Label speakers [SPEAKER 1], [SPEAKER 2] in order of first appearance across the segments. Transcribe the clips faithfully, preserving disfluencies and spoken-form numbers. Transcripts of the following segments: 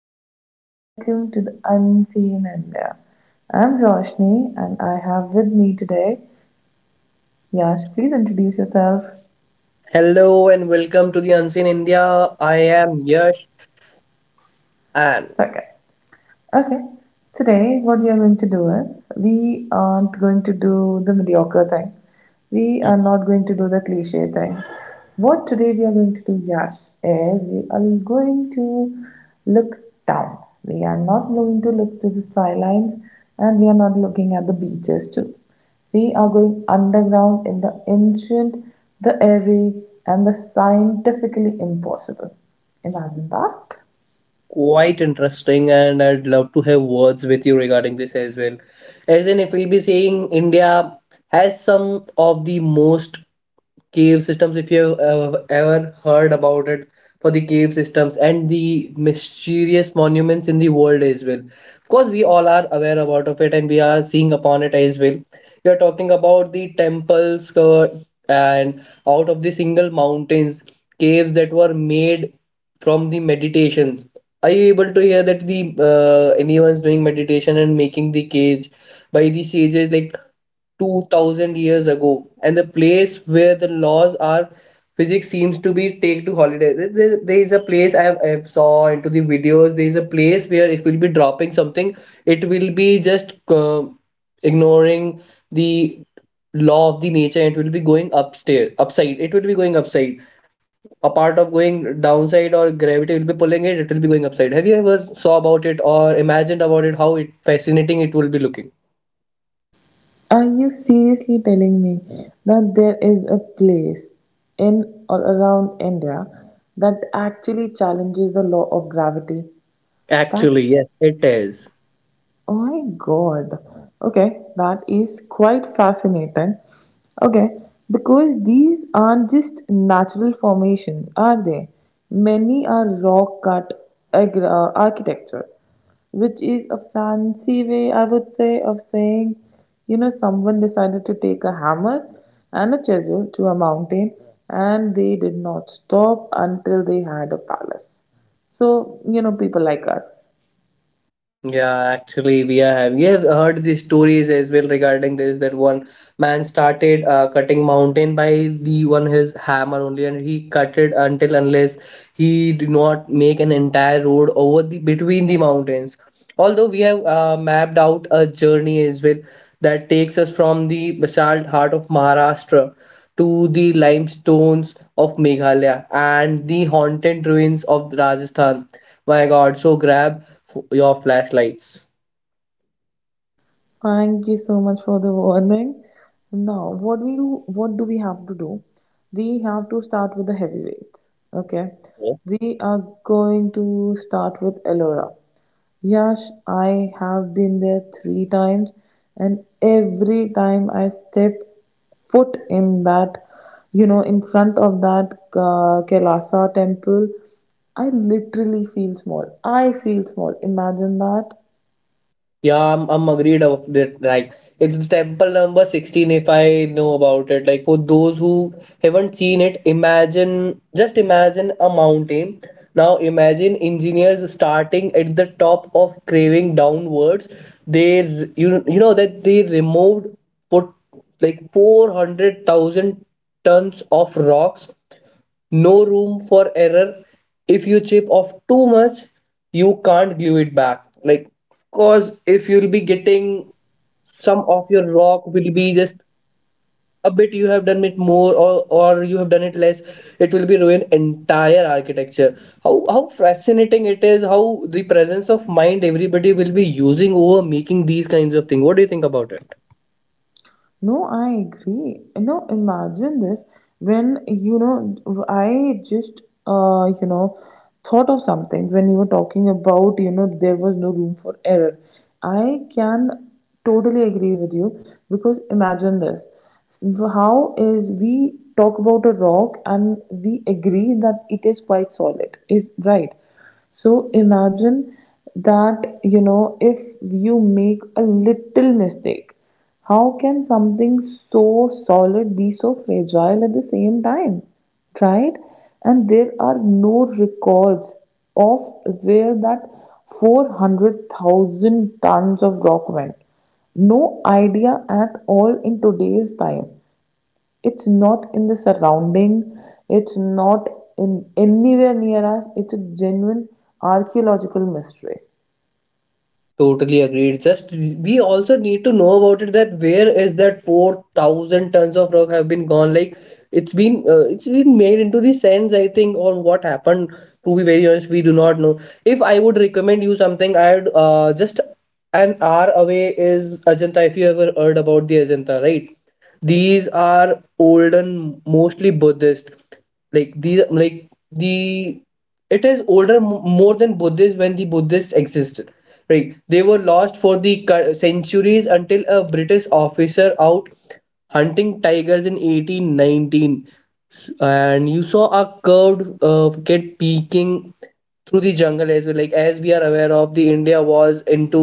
[SPEAKER 1] guys and welcome to the Unseen India. I'm Roshni and I have with me today Yash. Please introduce yourself. It's
[SPEAKER 2] Hello and welcome to the Unseen India. I am Yash and
[SPEAKER 1] okay. Okay. Today, what we are going to do is we aren't going to do the mediocre thing. We are
[SPEAKER 2] Mhm.
[SPEAKER 1] not going to do the cliche thing. What today we are going to do, Yash, is we are going to look down. We are not going to look to the skylines and we are not looking at the beaches too. We are going underground in the ancient, the airy, and the scientifically impossible. Imagine that.
[SPEAKER 2] Quite interesting, and I'd love to have words with you regarding this as well. As in if we'll be saying India has some of the most cave systems if you have uh, ever heard about it, for the cave systems and the mysterious monuments in the world as well. Of course we all are aware about of it and we are seeing upon it as well. We are talking about the temples covered and out of the single mountains, caves that were made from the meditations. Are you able to hear that the uh, anyone's doing meditation and making the cage by the sages like two thousand years ago, and the place where the laws are physics seems to be take to holiday there, there there is a place I, have, I saw into the videos, there is a place where if we'll be dropping something, it will be just uh, ignoring the law of the nature, it will be going upstairs upside, it will be going upside a part of going downside, or gravity will be pulling it, it will be going upside. Have you ever saw about it or imagined about it, how it fascinating it will be looking?
[SPEAKER 1] Are you seriously telling me that there is a place in or around India that actually challenges the law of gravity? That,
[SPEAKER 2] Actually, yes, it is.
[SPEAKER 1] oh my God. Okay, that is quite fascinating. Okay, because these aren't just natural formations, are they? Many are rock cut ag- uh, architecture, which is a fancy way, I would say, of saying, you know, someone decided to take a hammer and a chisel to a mountain and they did not stop until they had a palace. So, you know, people like us.
[SPEAKER 2] Yeah, actually, we are have we have heard the stories as well regarding this, that one man started uh, cutting mountain by the one his hammer only, and he cut it until unless he did not make an entire road over the between the mountains. Although we have uh, mapped out a journey as well that takes us from the basalt heart of Maharashtra to the limestones of Meghalaya and the haunted ruins of Rajasthan. My God, so grab your flashlights.
[SPEAKER 1] Thank you so much for the warning. Now, what we do, what do we have to do? We have to start with the heavyweights. Okay,
[SPEAKER 2] Yeah.
[SPEAKER 1] we are going to start with Elora. Yash, I have been there three times, and every time I step foot in that, you know, in front of that uh, Kailasa temple, I literally feel small. I feel small. Imagine that.
[SPEAKER 2] Yeah, I'm, I'm agreed of that. Like it's the temple number sixteen if I know about it. Like for those who haven't seen it, imagine, just imagine a mountain. Now imagine engineers starting at the top of craving downwards. They r- you you know that they removed put like four hundred thousand tons of rocks, no room for error. If you chip off too much, you can't glue it back. Like, cause if you'll be getting some of your rock will be just a bit, you have done it more or or you have done it less, it will be ruin entire architecture. how how fascinating it is, how the presence of mind everybody will be using over making these kinds of things. What do you think about it?
[SPEAKER 1] No, I agree. No, imagine this when you know I just uh, you know thought of something when you were talking about, you know, there was no room for error. I can totally agree with you because imagine this. So, how is we talk about a rock and we agree that it is quite solid, is right. So imagine that, you know, if you make a little mistake, how can something so solid be so fragile at the same time? Right? And there are no records of where that four hundred thousand tons of rock went. No idea at all in today's time. It's not in the surrounding, it's not in anywhere near us, it's a genuine archaeological mystery.
[SPEAKER 2] Totally agreed. Just we also need to know about it, that where is that four thousand tons of rock have been gone? Like it's been uh, it's been made into the sense, I think, or what happened. To be very honest, we do not know. If I would recommend you something, I'd uh, just an hour away is Ajanta. If you ever heard about the Ajanta, right? These are olden, mostly Buddhist, like these, like the it is older m- more than Buddhist when the Buddhists existed, right? They were lost for the cu- centuries until a British officer out hunting tigers in eighteen nineteen, and you saw a curved uh, kid peeking through the jungle as well. Like, as we are aware of, the India was into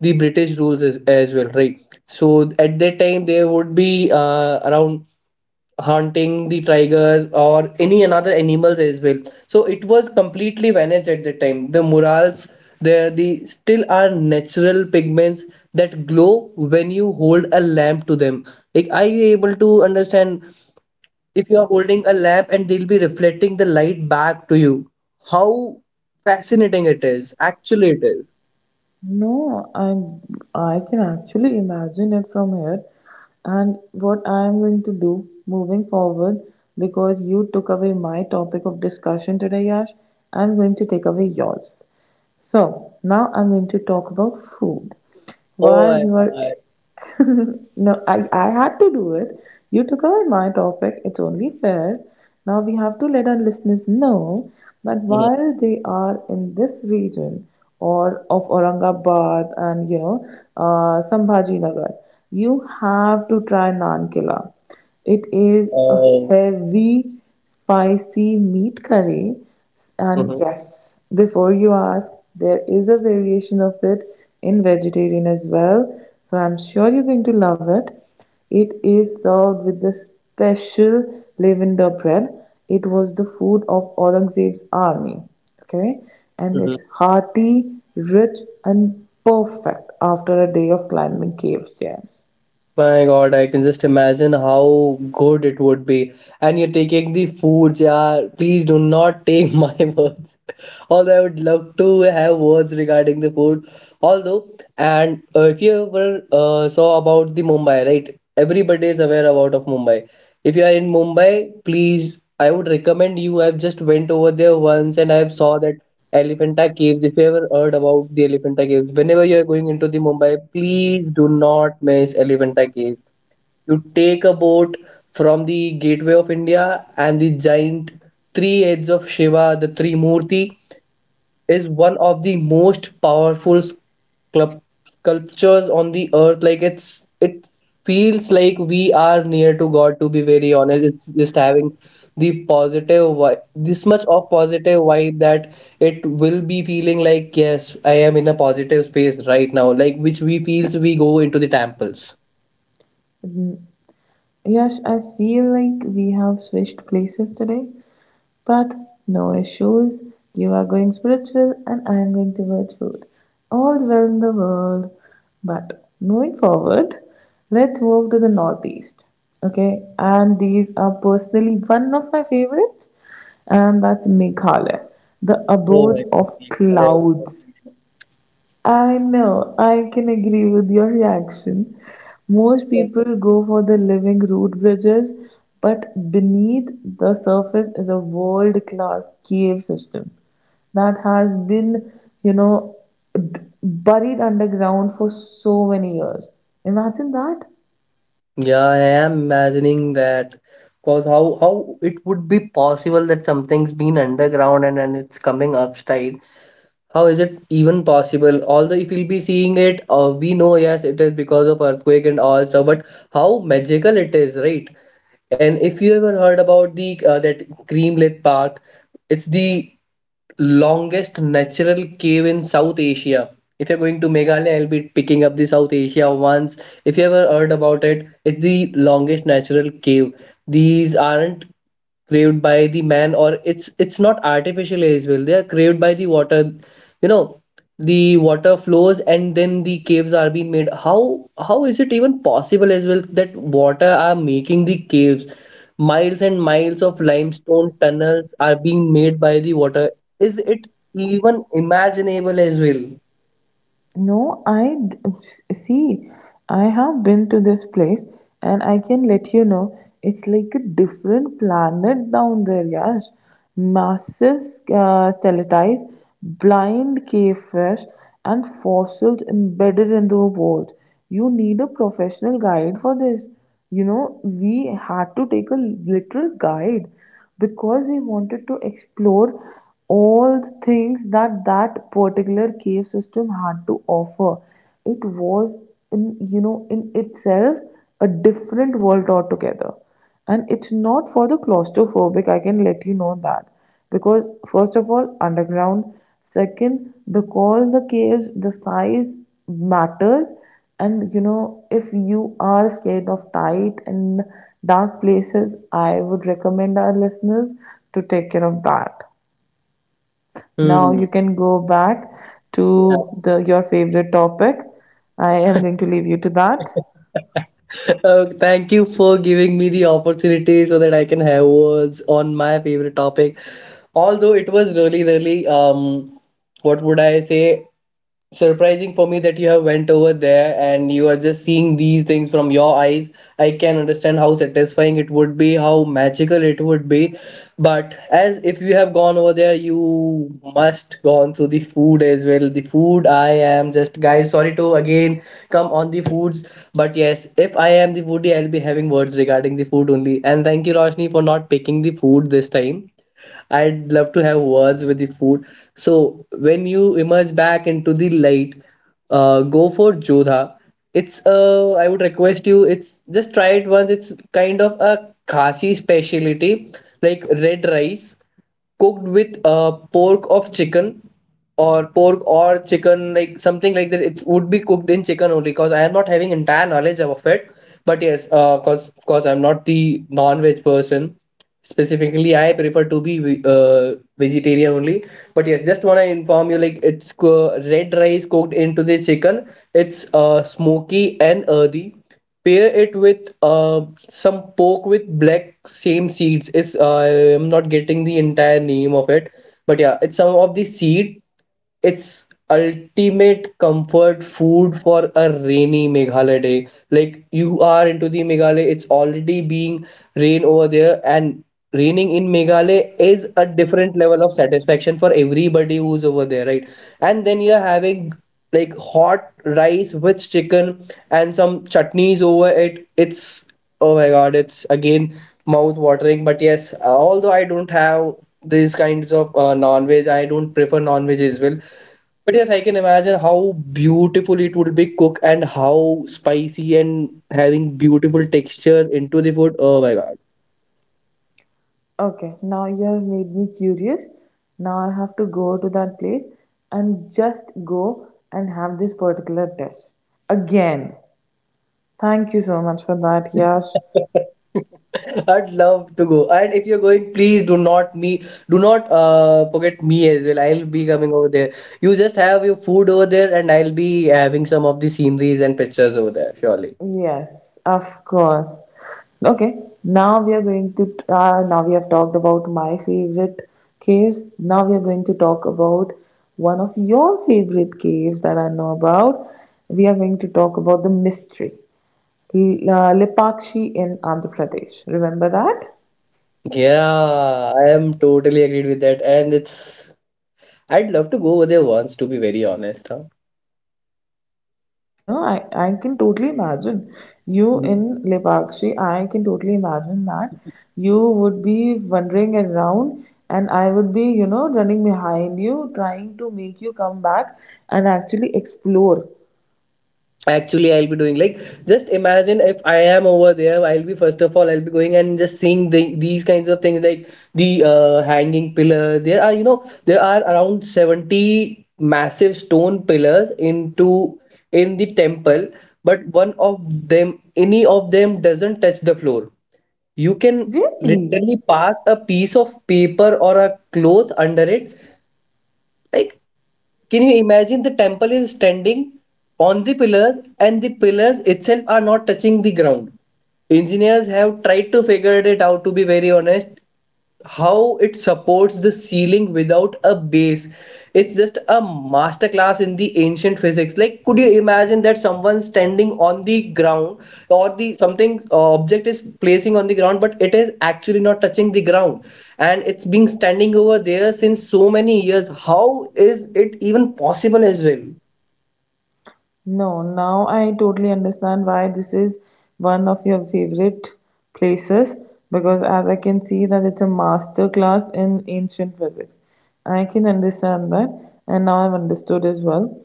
[SPEAKER 2] the British rules as, as well, right? So at that time they would be uh, around hunting the tigers or any another animals as well. So it was completely vanished at that time. The murals there, the still are natural pigments that glow when you hold a lamp to them. Like, are you able to understand if you are holding a lamp and they'll be reflecting the light back to you? How fascinating it is. Actually, it is.
[SPEAKER 1] No, I'm I can actually imagine it from here. And what I am going to do moving forward, because you took away my topic of discussion today, Yash, I'm going to take away yours. So now I'm going to talk about food.
[SPEAKER 2] Oh
[SPEAKER 1] While
[SPEAKER 2] my
[SPEAKER 1] you are
[SPEAKER 2] God.
[SPEAKER 1] no, I, I had to do it. You took away my topic. It's only fair. Now we have to let our listeners know that
[SPEAKER 2] Mhm.
[SPEAKER 1] while they are in this region or of Aurangabad and you know uh, Sambhaji Nagar, you have to try naan killa. It is a
[SPEAKER 2] Oh,
[SPEAKER 1] heavy, spicy meat curry and
[SPEAKER 2] mhm,
[SPEAKER 1] yes, before you ask, there is a variation of it in vegetarian as well. So I'm sure you're going to love it. It is served with the special lavender bread. It was the food of Aurangzeb's army. Okay, and
[SPEAKER 2] mhm.
[SPEAKER 1] it's hearty, rich, and perfect after a day of climbing caves. Yes.
[SPEAKER 2] My God, I can just imagine how good it would be. And you're taking the foods, yeah. Please do not take my words. Although I would love to have words regarding the food. Although, and uh, if you ever uh, saw about the Mumbai, right? Everybody is aware about of Mumbai. If you are in Mumbai, please, I would recommend you. I've just went over there once and I've saw that Elephanta Caves. If you ever heard about the Elephanta Caves, whenever you are going into the Mumbai, please do not miss Elephanta Caves. You take a boat from the Gateway of India, and the giant three heads of Shiva, the three Murti, is one of the most powerful sculp- sculptures on the earth. Like, it's it feels like we are near to god, to be very honest. It's just having the positive vibe, this much of positive vibe that it will be feeling like, yes, I am in a positive space right now, like which we feels we go into the temples.
[SPEAKER 1] Yash, I feel like we have switched places today. But no issues. You are going spiritual and I am going towards food. All's well in the world. But moving forward, let's move to the northeast. Okay, and these are personally one of my favorites, and that's Meghalaya, the
[SPEAKER 2] Oh my
[SPEAKER 1] abode of
[SPEAKER 2] God.
[SPEAKER 1] clouds. I know, I can agree with your reaction. Most people go for the living root bridges, but beneath the surface is a world class cave system that has been, you know, b- buried underground for so many years. Imagine that.
[SPEAKER 2] Yeah, I am imagining that. Cause how how it would be possible that something's been underground and then it's coming upside? How is it even possible? Although if you'll be seeing it, uh, we know, yes, it is because of earthquake and all stuff. But how magical it is, right? And if you ever heard about the uh, that Greenlit Park, it's the longest natural cave in South Asia. If you're going to Meghalaya, I'll be picking up the South Asia once. If you ever heard about it, it's the longest natural cave. These aren't craved by the man, or it's it's not artificial as well. They are craved by the water, you know, the water flows and then the caves are being made. how how is it even possible as well, that water are making the caves? Miles and miles of limestone tunnels are being made by the water. Is it even imaginable as well?
[SPEAKER 1] No, I d- See. I have been to this place, and I can let you know it's like a different planet down there, Yash. Massive uh, stalactites, blind cavefish, and fossils embedded in the vault. You need a professional guide for this. You know, we had to take a literal guide because we wanted to explore all the things that that particular cave system had to offer. It was in, you know, in itself a different world altogether, and it's not for the claustrophobic. I can let you know that because first of all underground, second because the caves the size matters, and you know, if you are scared of tight and dark places, I would recommend our listeners to take care of that. Now
[SPEAKER 2] Hmm.
[SPEAKER 1] you can go back to
[SPEAKER 2] Yeah.
[SPEAKER 1] the your favorite topic. I am going to leave you to that.
[SPEAKER 2] Uh, thank you for giving me the opportunity so that I can have words on my favorite topic. Although it was really, really, um, what would I say, surprising for me that you have went over there and you are just seeing these things from your eyes. I can understand how satisfying it would be, how magical it would be. But as if you have gone over there, you must gone through the food as well. The food, I am just, guys, sorry to again come on the foods, but yes, if I am the foodie, I'll be having words regarding the food only. And thank you, Roshni, for not picking the food this time. I'd love to have words with the food. So when you emerge back into the light, uh, go for Jodha. It's uh, I would request you, it's just try it once. It's kind of a Khasi specialty, like red rice cooked with uh, pork of chicken, or pork or chicken, like something like that. It would be cooked in chicken only because I am not having entire knowledge of it. But yes, uh, cause of course I'm not the non-veg person, specifically I prefer to be ve- uh, vegetarian only. But yes, just want to inform you, like it's co- red rice cooked into the chicken. It's uh, smoky and earthy. Pair it with uh, some pork with black same seeds. Is, I am not getting the entire name of it, but yeah, it's some of the seed. It's ultimate comfort food for a rainy Meghalaya day. Like you are into the Meghalaya, it's already being rain over there, and raining in Meghalaya is a different level of satisfaction for everybody who's over there, right? And then you're having like hot rice with chicken and some chutneys over it. It's, oh my god, it's again mouth watering. But yes, although I don't have these kinds of uh, non-veg, I don't prefer non-veg as well. But yes, I can imagine how beautiful it would be cooked, and how spicy, and having beautiful textures into the food. Oh my god.
[SPEAKER 1] Okay, now you have made me curious. Now I have to go to that place and just go and have this particular dish. Again, thank you so much for that, Yash.
[SPEAKER 2] I'd love to go. And if you're going, please do not me, do not uh forget me as well. I'll be coming over there. You just have your food over there and I'll be having some of the sceneries and pictures over there, surely.
[SPEAKER 1] Yes, of course. Okay, now we are going to uh, now we have talked about my favorite caves. Now we are going to talk about one of your favorite caves that I know about. We are going to talk about the mystery, L- uh, Lepakshi in Andhra Pradesh. Remember that?
[SPEAKER 2] Yeah, I am totally agreed with that. And it's, I'd love to go over there once, to be very honest, huh?
[SPEAKER 1] No, I, I can totally imagine you in Lepakshi. I can totally imagine that you would be wandering around and I would be, you know, running behind you, trying to make you come back and actually explore.
[SPEAKER 2] Actually, I'll be doing like, just imagine if I am over there, I'll be first of all I'll be going and just seeing the, these kinds of things, like the uh, hanging pillar there. Are, you know, there are around seventy massive stone pillars into in the temple, but one of them, any of them, doesn't touch the floor. You can
[SPEAKER 1] Really?
[SPEAKER 2] literally pass a piece of paper or a cloth under it. Like, can you imagine, the temple is standing on the pillars and the pillars itself are not touching the ground? Engineers have tried to figure it out, to be very honest, how it supports the ceiling without a base. It's just a masterclass in the ancient physics. Like, could you imagine that someone standing on the ground or the something uh, object is placing on the ground, but it is actually not touching the ground? And it's been standing over there since so many years. How is it even possible as well?
[SPEAKER 1] No, now I totally understand why this is one of your favorite places because as I can see that it's a master class in ancient physics. I can understand that and now I've understood as well.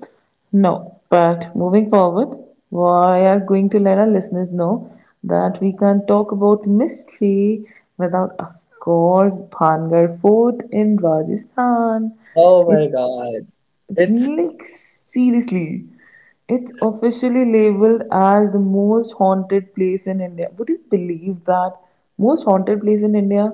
[SPEAKER 1] No, but moving forward, we are going to let our listeners know that we can't talk about mystery without, of course, Bhangar Fort in Rajasthan.
[SPEAKER 2] Oh my
[SPEAKER 1] It's
[SPEAKER 2] god. It's...
[SPEAKER 1] like, seriously, it's officially labeled as the most haunted place in India. Would you believe that? Most haunted place in India?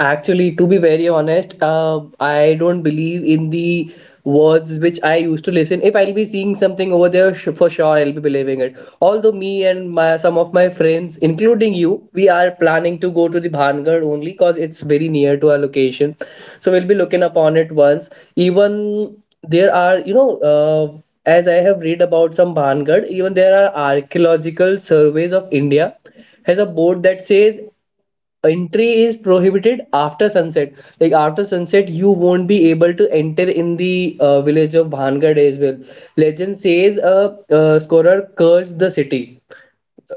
[SPEAKER 2] Actually, to be very honest, uh, I don't believe in the words which I used to listen. If I'll be seeing something over there, sh- for sure I'll be believing it. Although me and my, some of my friends, including you, we are planning to go to the Bhangar only because it's very near to our location. So we'll be looking upon it once. Even there are, you know, uh, as I have read about some Bhangar, even there are archaeological surveys of India has a board that says entry is prohibited after sunset. Like after sunset you won't be able to enter in the uh, village of Bhangad as well. Legend says a uh, scorer cursed the city,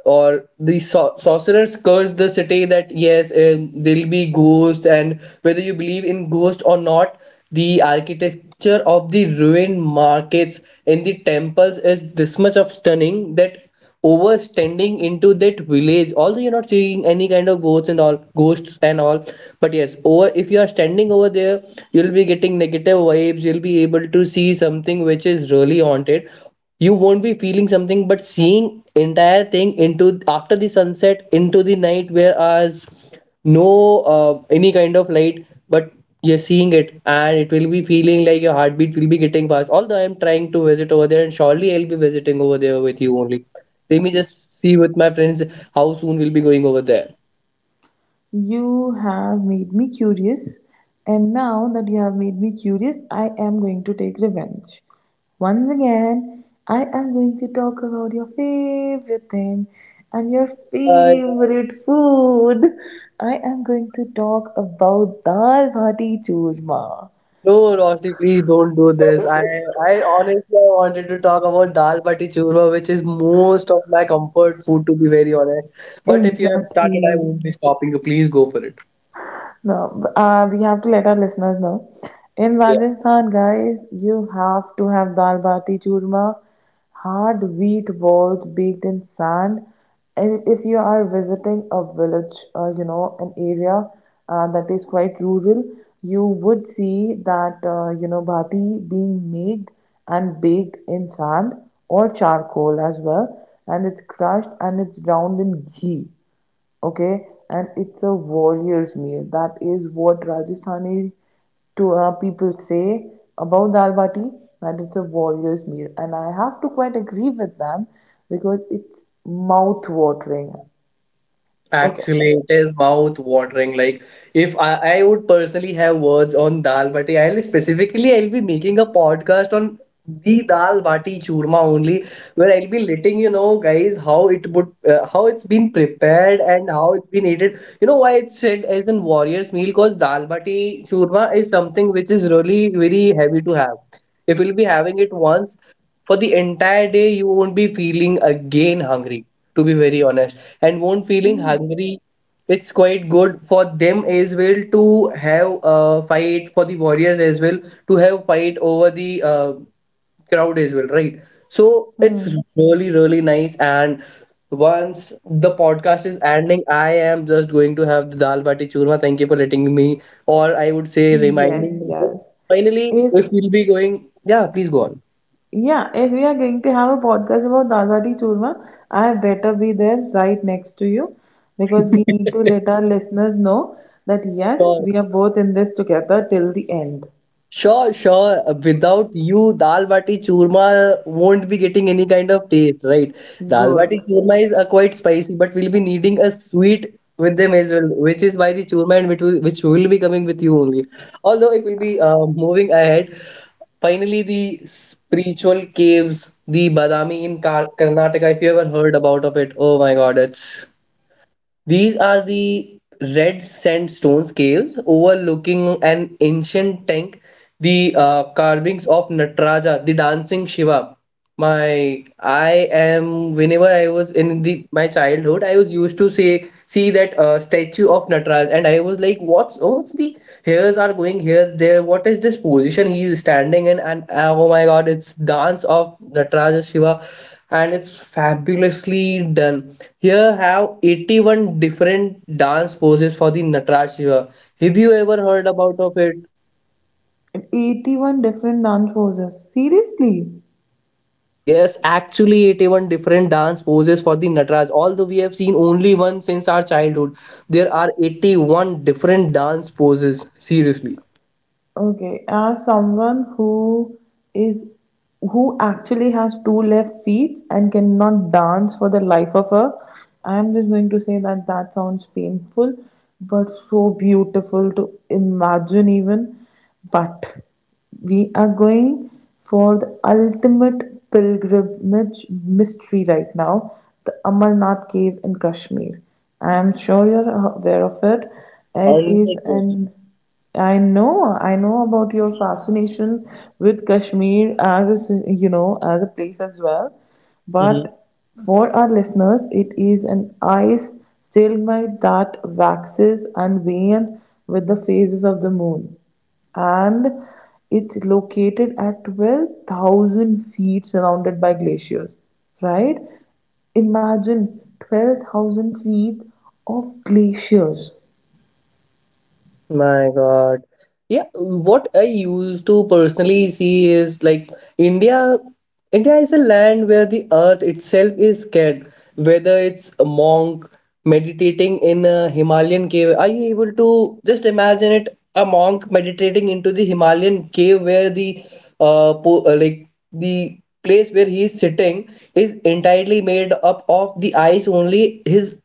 [SPEAKER 2] or the sor- sorcerers cursed the city, that yes, um, there'll be ghosts. And whether you believe in ghosts or not, the architecture of the ruined markets and the temples is this much of stunning, that overstanding into that village, although you're not seeing any kind of ghosts and all, ghosts and all, but yes, over, if you are standing over there, you'll be getting negative vibes. You'll be able to see something which is really haunted. You won't be feeling something but seeing entire thing into after the sunset into the night, whereas no uh, any kind of light, but you're seeing it and it will be feeling like your heartbeat will be getting fast. Although I'm trying to visit over there and surely I'll be visiting over there with you only. Let me just see with my friends how soon we'll be going over there.
[SPEAKER 1] You have made me curious, and now that you have made me curious, I am going to take revenge. Once again, I am going to talk about your favorite thing and your
[SPEAKER 2] Bye bye.
[SPEAKER 1] favorite food. I am going to talk about dal bhati churma.
[SPEAKER 2] No, Roshni, please don't do this. I I honestly I wanted to talk about dal bati churma, which is most of my comfort food, to be very honest. But if you have started, I
[SPEAKER 1] Exactly.
[SPEAKER 2] won't be stopping you. Please go for it.
[SPEAKER 1] No, uh, we have to let our listeners know. In
[SPEAKER 2] Yeah.
[SPEAKER 1] Rajasthan, guys, you have to have dal bati churma, hard wheat balls baked in sand. And if you are visiting a village, uh, you know, an area uh, that is quite rural, you would see that, uh, you know, bati being made and baked in sand or charcoal as well. And it's crushed and it's drowned in ghee. Okay, and it's a warrior's meal, that is what Rajasthani to uh, people say about dal bati, that it's a warrior's meal and I have to quite agree with them because it's mouth watering. Okay.
[SPEAKER 2] Actually, it is mouth watering. Like if I, I would personally have words on dal bati, I'll specifically I'll be making a podcast on the dal bati churma only, where I'll be letting you know, guys, how it would, uh, how it's been prepared and how it's been eaten. You know why it's said as in warrior's meal? Because dal bati churma is something which is really very heavy to have. If you'll be having it once for the entire day, you won't be feeling again hungry. To be very honest, and won't feeling
[SPEAKER 1] Hmm.
[SPEAKER 2] hungry. It's quite good for them as well to have a fight for the warriors as well, to have fight over the uh, crowd as well, right? So it's
[SPEAKER 1] Hmm.
[SPEAKER 2] really, really nice. And once the podcast is ending, I am just going to have the dal bati churma. Thank you for letting me, or I would say
[SPEAKER 1] Yes,
[SPEAKER 2] reminding me. This.
[SPEAKER 1] yes.
[SPEAKER 2] Finally,
[SPEAKER 1] If
[SPEAKER 2] if we'll be going, yeah, please go on.
[SPEAKER 1] Yeah, if we are going to have a podcast about Dadwadi Churma, I better be there right next to you because we need to let our listeners know that yes, we are both in this together till the end.
[SPEAKER 2] Sure, sure. Uh, Without you, dal bati churma won't be getting any kind of taste, right? Dal
[SPEAKER 1] Good.
[SPEAKER 2] bati churma is uh, quite spicy, but we'll be needing a sweet with them as well, which is why the churma, and which will, which will be coming with you only. Although it will be uh, moving ahead. Finally, the spiritual caves, the Badami in Kar Karnataka, if you ever heard about of it, oh my God, it's... these are the red sandstone caves overlooking an ancient tank, the uh, carvings of Nataraja, the dancing Shiva. My, I am whenever I was in the my childhood, I was used to say see that uh, statue of Nataraja, and I was like, what's what's the hairs are going here there? What is this position he is standing in? And uh, oh my God, it's dance of Nataraja Shiva, and it's fabulously done. Here have eighty-one different dance poses for the Nataraj Shiva. Have you ever heard about of it?
[SPEAKER 1] eighty-one different dance poses. Seriously?
[SPEAKER 2] Yes, actually eighty-one different dance poses for the Nataraj. Although we have seen only one since our childhood, there are eighty-one different dance poses. Seriously.
[SPEAKER 1] Okay, as someone who is who actually has two left feet and cannot dance for the life of her. I'm just going to say that that sounds painful, but so beautiful to imagine even. But we are going for the ultimate pilgrimage mystery right now, the Amarnath cave in Kashmir. I am sure you're aware of it. It is
[SPEAKER 2] one hundred percent.
[SPEAKER 1] an I know, I know about your fascination with Kashmir as a, s- you know, as a place as well. But for our listeners, it is an ice stalemate that waxes and wanes with the phases of the moon. And it's located at twelve thousand feet surrounded by glaciers, right? Imagine twelve thousand feet of glaciers.
[SPEAKER 2] My God. Yeah, what I used to personally see is like India India is a land where the earth itself is scared. Whether it's a monk meditating in a Himalayan cave, are you able to just imagine it? A monk meditating into the Himalayan cave where the uh, po uh like the place where he is sitting is entirely made up of the ice only. His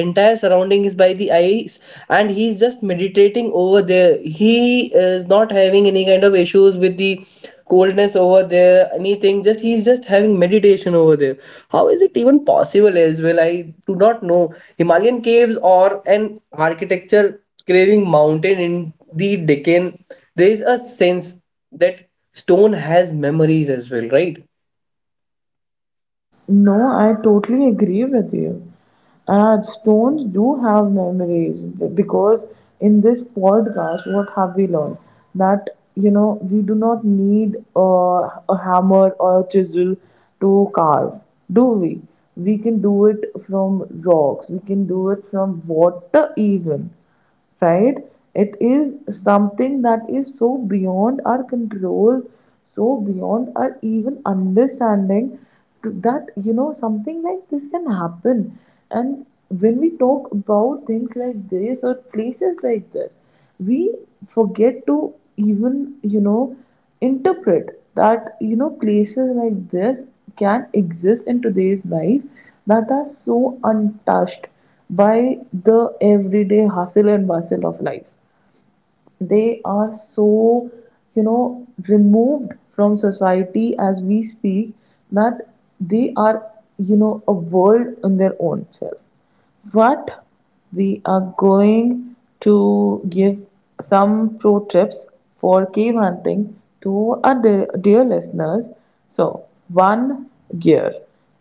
[SPEAKER 2] entire surrounding is by the eyes, and he's just meditating over there. He is not having any kind of issues with the coldness over there, anything, just he's just having meditation over there. How is it even possible as well? I do not know. Himalayan caves or an architecture, craving mountain in the Deccan, there is a sense that stone has memories as well, right?
[SPEAKER 1] No, I totally agree with you. And stones do have memories because in this podcast, what have we learned? That, you know, we do not need uh, a hammer or a chisel to carve, do we? We can do it from rocks, we can do it from water, even, right? It is something that is so beyond our control, so beyond our even understanding to- that, you know, something like this can happen. And when we talk about things like this or places like this, we forget to even, you know, interpret that, you know, places like this can exist in today's life that are so untouched by the everyday hustle and bustle of life. They are so, you know, removed from society as we speak that they are, you know, a world in their own self. But we are going to give some pro tips for cave hunting to our dear, dear listeners. So, one, gear.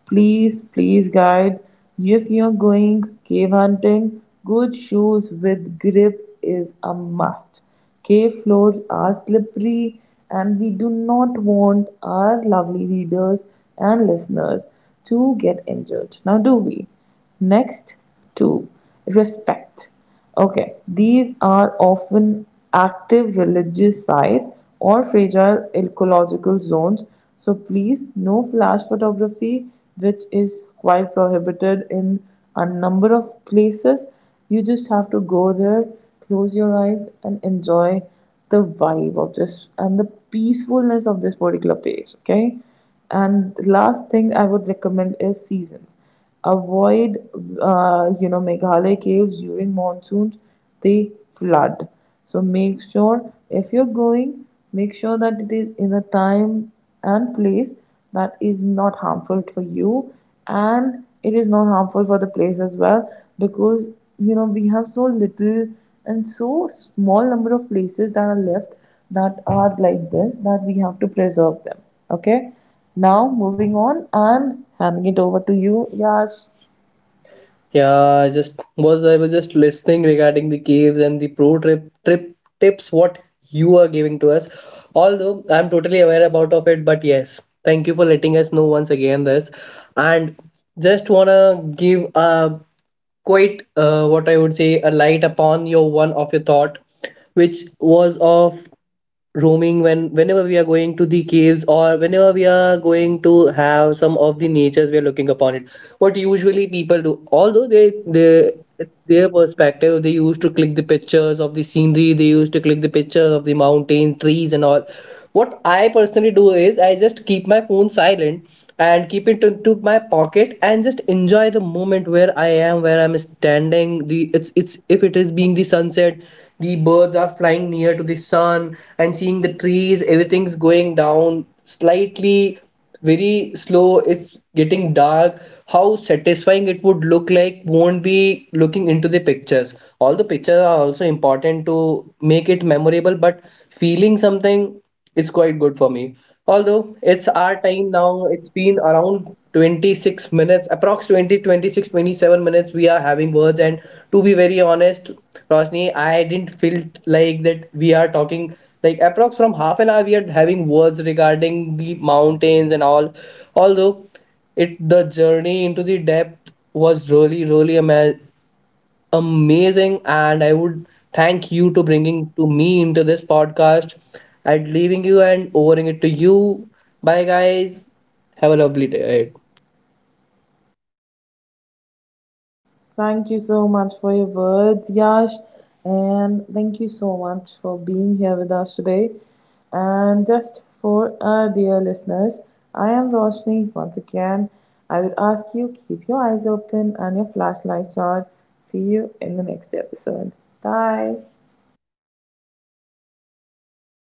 [SPEAKER 1] Please, please, guide. If you're going cave hunting, good shoes with grip is a must. Cave floors are slippery, and we do not want our lovely readers and listeners to get injured. Now, do we? Next, two, respect. Okay, these are often active religious sites or fragile ecological zones, so please no flash photography, which is quite prohibited in a number of places. You just have to go there, close your eyes, and enjoy the vibe of this and the peacefulness of this particular page. Okay, and the last thing I would recommend is seasons. Avoid uh, you know, Meghalaya caves during monsoons. They flood. So make sure if you're going, make sure that it is in a time and place that is not harmful for you and it is not harmful for the place as well because, you know, we have so little and so small number of places that are left that are like this that we have to preserve them. Okay, now moving on and handing it over to you, Yash.
[SPEAKER 2] Yeah, I just was I was just listening regarding the caves and the pro trip trip tips what you are giving to us. Although I'm totally aware about of it, but yes, thank you for letting us know once again this. And just wanna give a quite uh, what I would say a light upon your one of your thought, which was of roaming when whenever we are going to the caves or whenever we are going to have some of the natures we are looking upon it, what usually people do. Although they they it's their perspective, they used to click the pictures of the scenery, they used to click the pictures of the mountain trees and all. What I personally do is I just keep my phone silent and keep it into my pocket and just enjoy the moment where I am, where I'm standing. The it's it's if it is being the sunset, the birds are flying near to the sun and seeing the trees, everything's going down slightly very slow, it's getting dark. How satisfying it would look like, won't be looking into the pictures. All the pictures are also important to make it memorable, but feeling something is quite good for me. Although it's our time now, it's been around twenty-six minutes approx, twenty twenty six twenty-seven minutes we are having words. And to be very honest, Roshni, I didn't feel like that we are talking. Like approx from half an hour we are having words regarding the mountains and all. Although it, the journey into the depth was really really ama- amazing. And I would thank you to bringing to me into this podcast and leaving you and overing it to you. Bye guys, have a lovely day.
[SPEAKER 1] Thank you so much for your words, Yash, and thank you so much for being here with us today. And just for our dear listeners, I am Roshni once again. I would ask you keep your eyes open and your flashlights on. See you in the next episode. Bye.